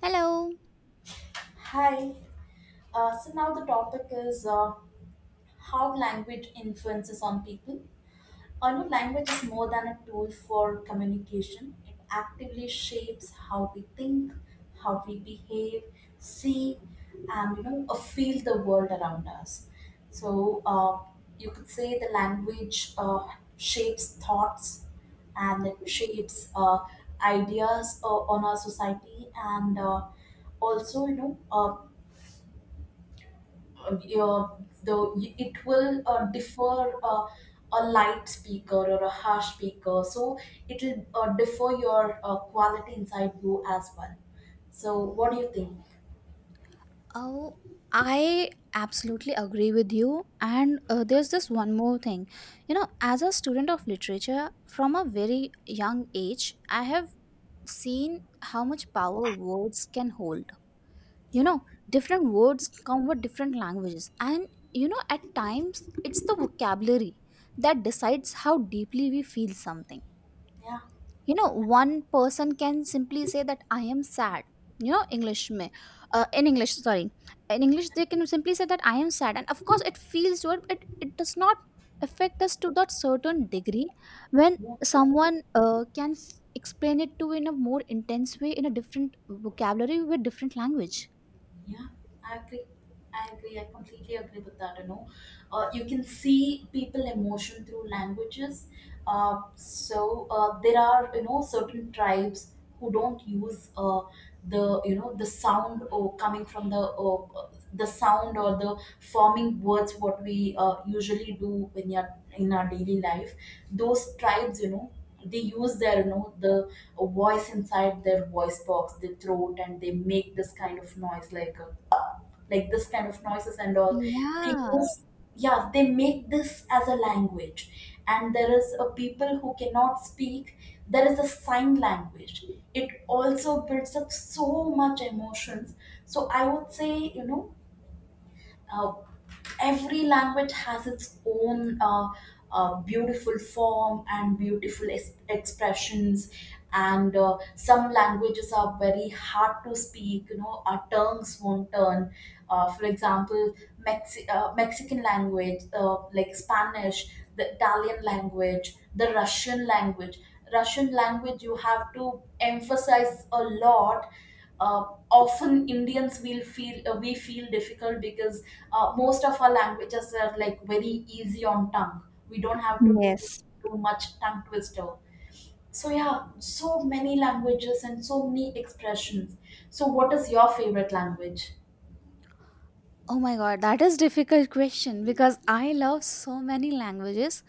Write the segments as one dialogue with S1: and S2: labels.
S1: Hello.
S2: Hi. So now the topic is how language influences on people. I know language is more than a tool for communication. It actively shapes how we think, how we behave, see, and feel the world around us. So you could say the language shapes thoughts, and it shapes ideas on our society, and also uh, your- though it will differ, a light speaker or a harsh speaker, so it will differ your quality inside you as well. So what do you think?
S1: Oh, I absolutely agree with you. And there's this one more thing. You know, as a student of literature from a very young age, I have seen how much power words can hold. You
S2: Yeah,
S1: know, different words come with different languages. And, you know, at times it's the vocabulary that decides how deeply we feel something.
S2: yeah,
S1: You know, one person can simply say that I am sad. You know english may in english sorry In English they can simply say that I am sad, and of course it feels good. It does not affect us to that certain degree when
S2: yeah,
S1: someone can explain it to in a more intense way in a different vocabulary with different language.
S2: yeah. I agree, I completely agree with that. You can see people emotion through languages. There are, certain tribes who don't use the you know the sound, or coming from the the sound, or the forming words what we usually do in your in our daily life. Those tribes, they use their, you know the voice inside their voice box, their throat, and they make this kind of noise, like, like this kind of noises and all. They
S1: Yeah.
S2: use. Yeah, they make this as a language. And there is a people who cannot speak. There is a sign language. It also builds up so much emotions. So I would say, uh, every language has its own, beautiful form and beautiful expressions. And some languages are very hard to speak. Our tongues won't turn. For example, Mexican language, like Spanish, the Italian language, the Russian language. Russian language you have to emphasize a lot. uh, Often Indians will feel, we feel difficult, because most of our languages are like very easy on tongue. We don't have to do
S1: Yes.
S2: too much tongue twister. So yeah, so many languages and so many expressions. So what is your favorite language?
S1: Oh my god, that is difficult question because I love so many languages,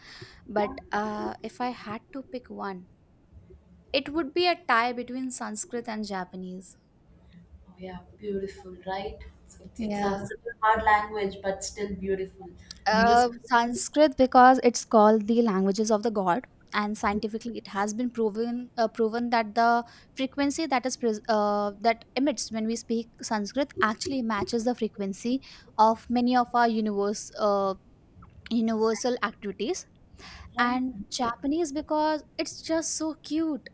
S2: Yeah.
S1: but if I had to pick one, it would be a tie between Sanskrit and Japanese.
S2: Oh yeah, beautiful, right? It's
S1: Yeah.
S2: such a hard language, but still beautiful. Do you
S1: Sanskrit because it's called the languages of the god, and
S2: speak?
S1: scientifically it has been proven that the frequency that emits when we speak Sanskrit actually matches the frequency of many of our universe universal activities. And
S2: Yeah.
S1: Japanese because it's just so cute.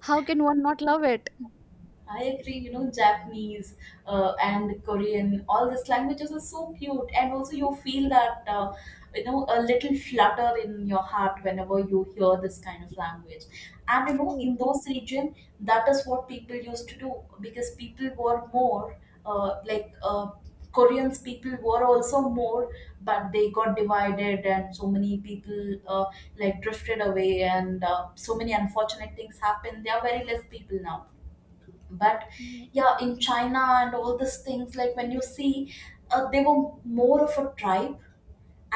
S1: How can one not love it?
S2: I agree, Japanese and Korean, all these languages are so cute. And also, you feel that, a little flutter in your heart whenever you hear this kind of language. And,
S1: True.
S2: in those regions, that is what people used to do, because people were more, uh, like uh, Koreans, people were also more, but they got divided, and so many people like drifted away, and so many unfortunate things happened. There are very less people now, but yeah, in China and all these things, like when you see, they were more of a tribe,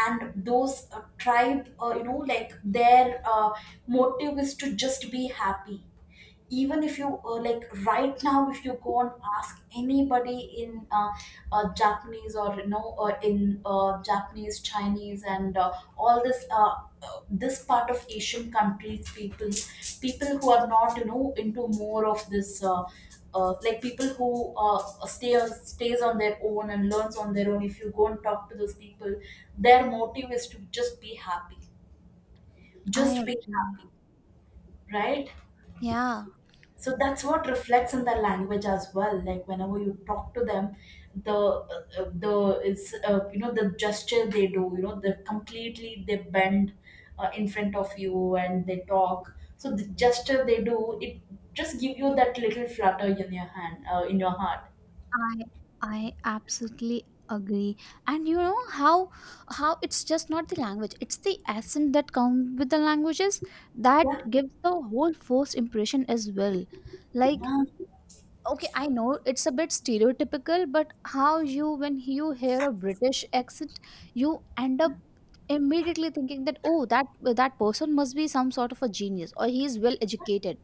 S2: and those tribe, like their, motive is to just be happy. Even if you, like right now, if you go and ask anybody in, Japanese, or you know in Japanese, Chinese and all this, this part of Asian countries people, people who are not, into more of this, like people who stay stays on their own and learns on their own, if you go and talk to those people, their motive is to just be happy,
S1: I
S2: just be
S1: agree.
S2: happy. Right?
S1: Yeah,
S2: So that's what reflects in their language as well, like whenever you talk to them, the gesture they do, the completely, they bend in front of you and they talk. So the gesture they do, it just give you that little flutter in your hand, in your heart.
S1: I I absolutely agree. And you know how it's just not the language; it's the accent that comes with the languages that
S2: Yeah,
S1: gives the whole first impression as well. Like,
S2: yeah.
S1: okay, I know it's a bit stereotypical, but how you, when you hear a British accent, you end up immediately thinking that, oh, that person must be some sort of a genius or he is well educated.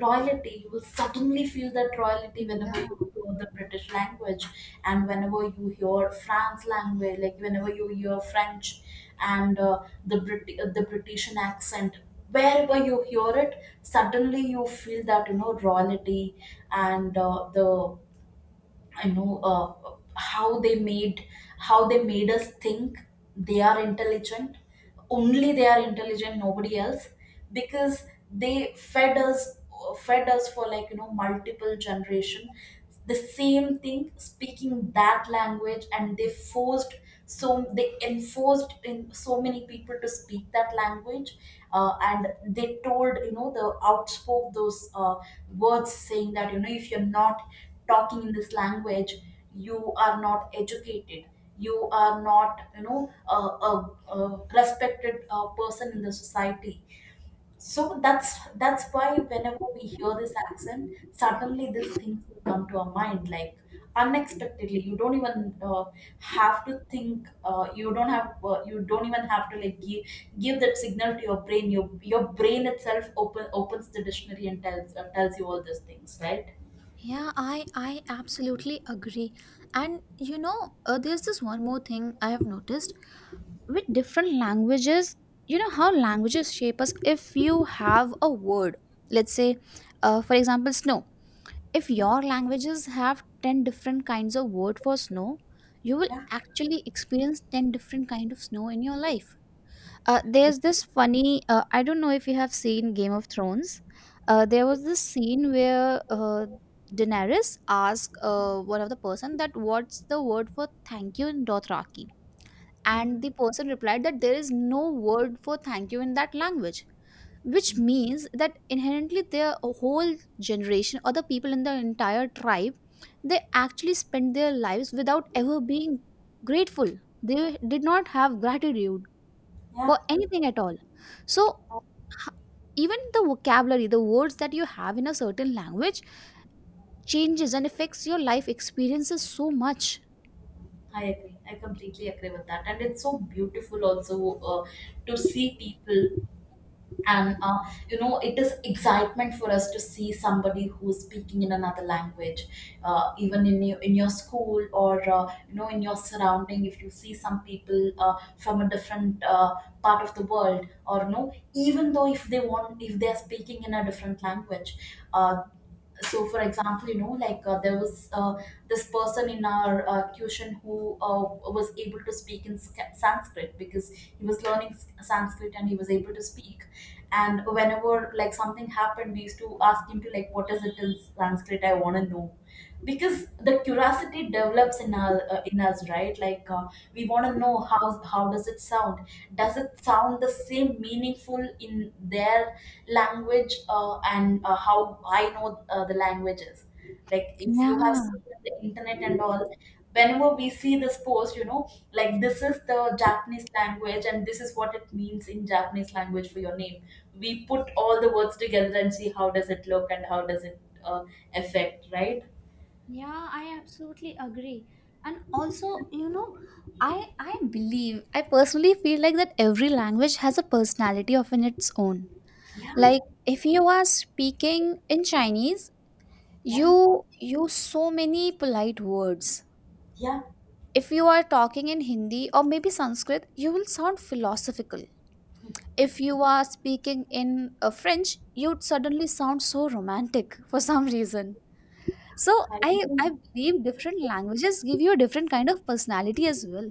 S2: Royalty. You will suddenly feel that royalty
S1: Yeah.
S2: whenever you hear the British language. And whenever you hear France language, like whenever you hear French and the British accent. Wherever you hear it, suddenly you feel that, royalty. And the you know how they made, us think they are intelligent, only they are intelligent, nobody else, because they fed us for, like, multiple generation, the same thing, speaking that language. And they forced, so they enforced in so many people to speak that language. And they told, the outspoke those words, saying that, if you're not talking in this language, you are not educated, you are not, a respected person in the society. So that's why whenever we hear this accent, suddenly these things will come to our mind, like, unexpectedly. You don't even have to think. You don't even have to like give that signal to your brain. Your brain itself opens the dictionary and tells you all these things, right?
S1: Yeah, I absolutely agree. And you know, there's this one more thing I have noticed with different languages. You know how languages shape us. If you have a word, let's say, for example, snow. If your languages have ten different kinds of word for snow, you will
S2: Yeah.
S1: actually experience ten different kind of snow in your life. There's this funny. I don't know if you have seen Game of Thrones. Uh, there was this scene where Daenerys asked one of the person that what's the word for thank you in Dothraki, and
S2: Mhm.
S1: the person replied that there is no word for thank you in that language, which means that inherently their whole generation or the people in the entire tribe, they actually spent their lives without ever being grateful. They did not have gratitude
S2: Yeah,
S1: for anything at all. So, h- even the vocabulary, the words that you have in a certain language changes and affects your life experiences so much.
S2: I agree. I completely agree with that. And it's so beautiful also to see people. And it is excitement for us to see somebody who's speaking in another language, even in your school, or in your surrounding, if you see some people from a different, part of the world, or no, even though if they want, if they're speaking in a different language, uh, so for example, there was, this person in our tuition who was able to speak in Sanskrit, because he was learning Sanskrit, and he was able to speak. And whenever like something happened, we used to ask him to like, what is it in Sanskrit? I want to know. Because the curiosity develops in our, in us, right, like, we want to know how, does it sound, does it sound the same meaningful in their language? And How I know, the languages, like, if you have
S1: Yeah.
S2: seen the internet and all, whenever we see this post, this is the Japanese language and this is what it means in Japanese language for your name. We put all the words together and see how does it look and how does it affect, right?
S1: Yeah, I absolutely agree. And also, you know, I believe I personally feel like that every language has a personality of in its own.
S2: Yeah,
S1: Like, if you are speaking in Chinese,
S2: yeah,
S1: you use so many polite words.
S2: yeah.
S1: If you are talking in Hindi or maybe Sanskrit, you will sound philosophical. If you are speaking in French, you'd suddenly sound so romantic for some reason. So
S2: I
S1: I,
S2: even
S1: I believe different languages give you a different kind of personality as well.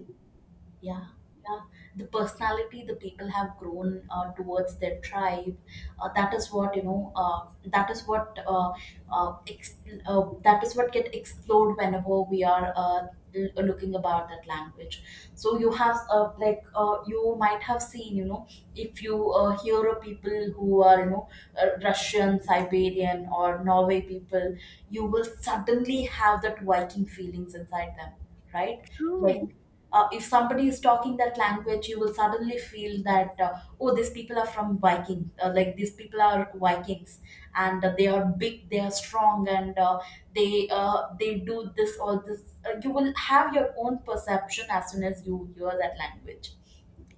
S2: Yeah, yeah. The personality the people have grown towards their tribe, that is what, uh, ex- that is what get explored whenever we are looking about that language. So you have, you might have seen, if you hear of people who are, Russian, Siberian, or Norway people, you will suddenly have that Viking feelings inside them, right? Like,
S1: True.
S2: if somebody is talking that language, you will suddenly feel that, oh, these people are from Viking, like, these people are Vikings, and they are big, they are strong, and they do this all this. You will have your own perception as soon as you hear that language.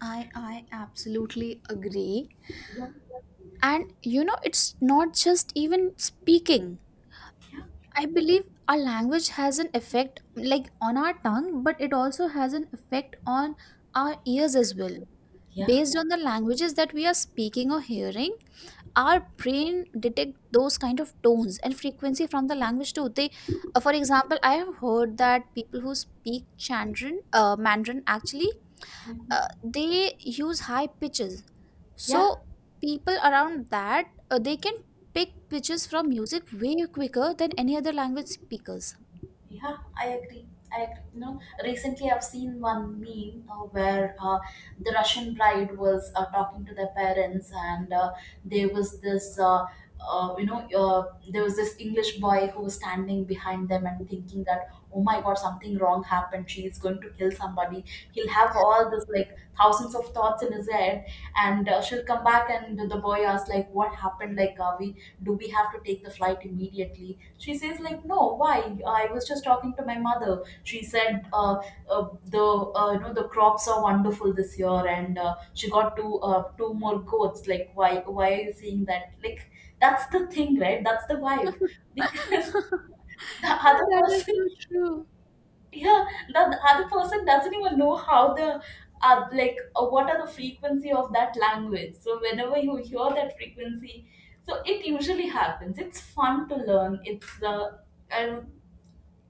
S1: I absolutely agree.
S2: Yeah,
S1: And you know, it's not just even speaking.
S2: yeah,
S1: I believe our language has an effect, like on our tongue, but it also has an effect on our ears as well.
S2: yeah.
S1: Based on the languages that we are speaking or hearing, our brain detect those kind of tones and frequency from the language too. They, for example, I have heard that people who speak Mandarin actually
S2: Mhm.
S1: uh, they use high pitches,
S2: Yeah,
S1: so people around that, they can pick pitches from music way quicker than any other language speakers.
S2: yeah, I agree. You know, recently I've seen one meme where the Russian bride was talking to their parents, and there was this, there was this English boy who was standing behind them and thinking that, oh my God, something wrong happened. She is going to kill somebody. He'll have all this like thousands of thoughts in his head. And she'll come back, and the boy asks like, what happened? Like, are we do we have to take the flight immediately? She says like, no. Why? I was just talking to my mother. She said, the you know the crops are wonderful this year, and she got two more goats. Like, why? Are you saying that? Like, that's the thing, right? That's the vibe. Because the other person—
S1: True.
S2: yeah, the other person doesn't even know how the, what are the frequency of that language. So whenever you hear that frequency, so it usually happens. It's fun to learn. It's the uh,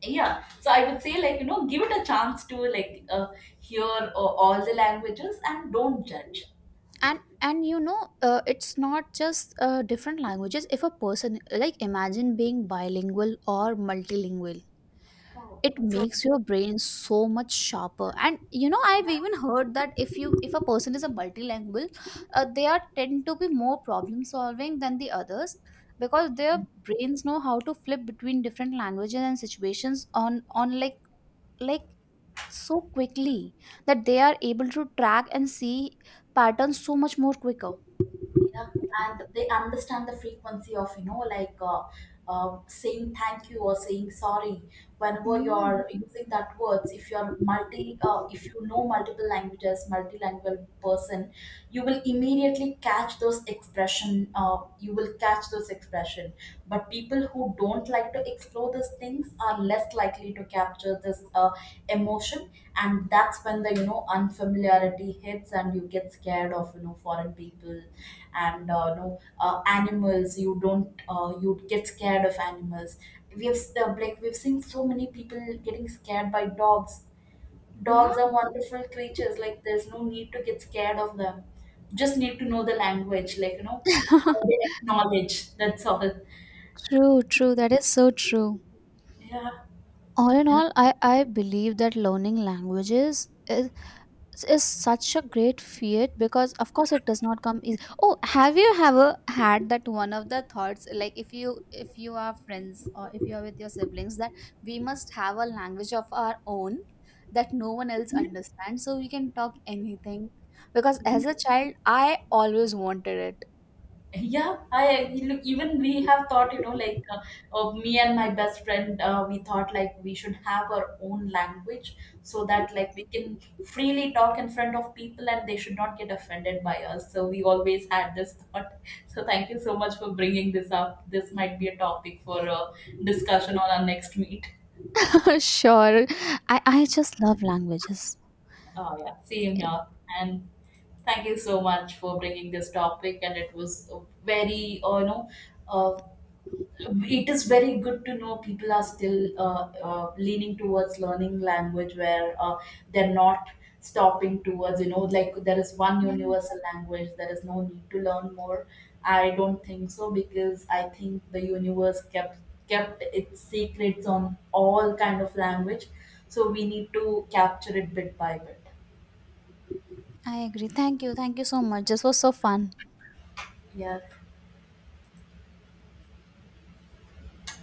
S2: yeah. So I would say, like, give it a chance to, like, hear all the languages and don't judge.
S1: And you know, it's not just different languages. If a person, like, imagine being bilingual or multilingual,
S2: Oh,
S1: it
S2: that's so
S1: makes your brain so much sharper. And you know, I've even
S2: nice.
S1: heard that if a person is a multilingual, they are tend to be more problem solving than the others, because their brains know how to flip between different languages and situations on like, so quickly that they are able to track and see patterns so much more quicker.
S2: you know and they understand the frequency of, saying thank you or saying sorry. Whenever
S1: Yeah.
S2: you're using that words, if you're multi if you know multiple languages, multilingual person, you will immediately catch those expression, you will catch those expression. But people who don't like to explore these things are less likely to capture this emotion. And that's when the, unfamiliarity hits and you get scared of, foreign people. And no, animals, you don't you get scared of animals. We have like, we've seen so many people getting scared by dogs.
S1: Yeah.
S2: Dogs are wonderful creatures. Like, there's no need to get scared of them. Just need to know the language, like, you know how they acknowledge. That's all.
S1: True, true. That is so true.
S2: Yeah,
S1: All in
S2: and
S1: all, I believe that learning languages is such a great feat because, of course, it does not come easy. Oh, have you ever had that one of the thoughts, like, if you are friends or if you are with your siblings, that we must have a language of our own that no one else understands, so we can talk anything. Because as a child, I always wanted it.
S2: yeah, I look. Even we have thought, like, me and my best friend, we thought like we should have our own language, so that like we can freely talk in front of people and they should not get offended by us. So we always had this thought. So thank you so much for bringing this up. This might be a topic for discussion on our next meet.
S1: Sure. I just love languages.
S2: Oh yeah, same here. And thank you so much for bringing this topic. And it was a very, uh, it is very good to know people are still leaning towards learning language, where they're not stopping towards, there is one
S1: Yeah,
S2: universal language, there is no need to learn more. I don't think so, because I think the universe kept its secrets on all kind of language. So we need to capture it bit by bit.
S1: I agree. Thank you. Thank you so much. This was so fun.
S2: Yeah.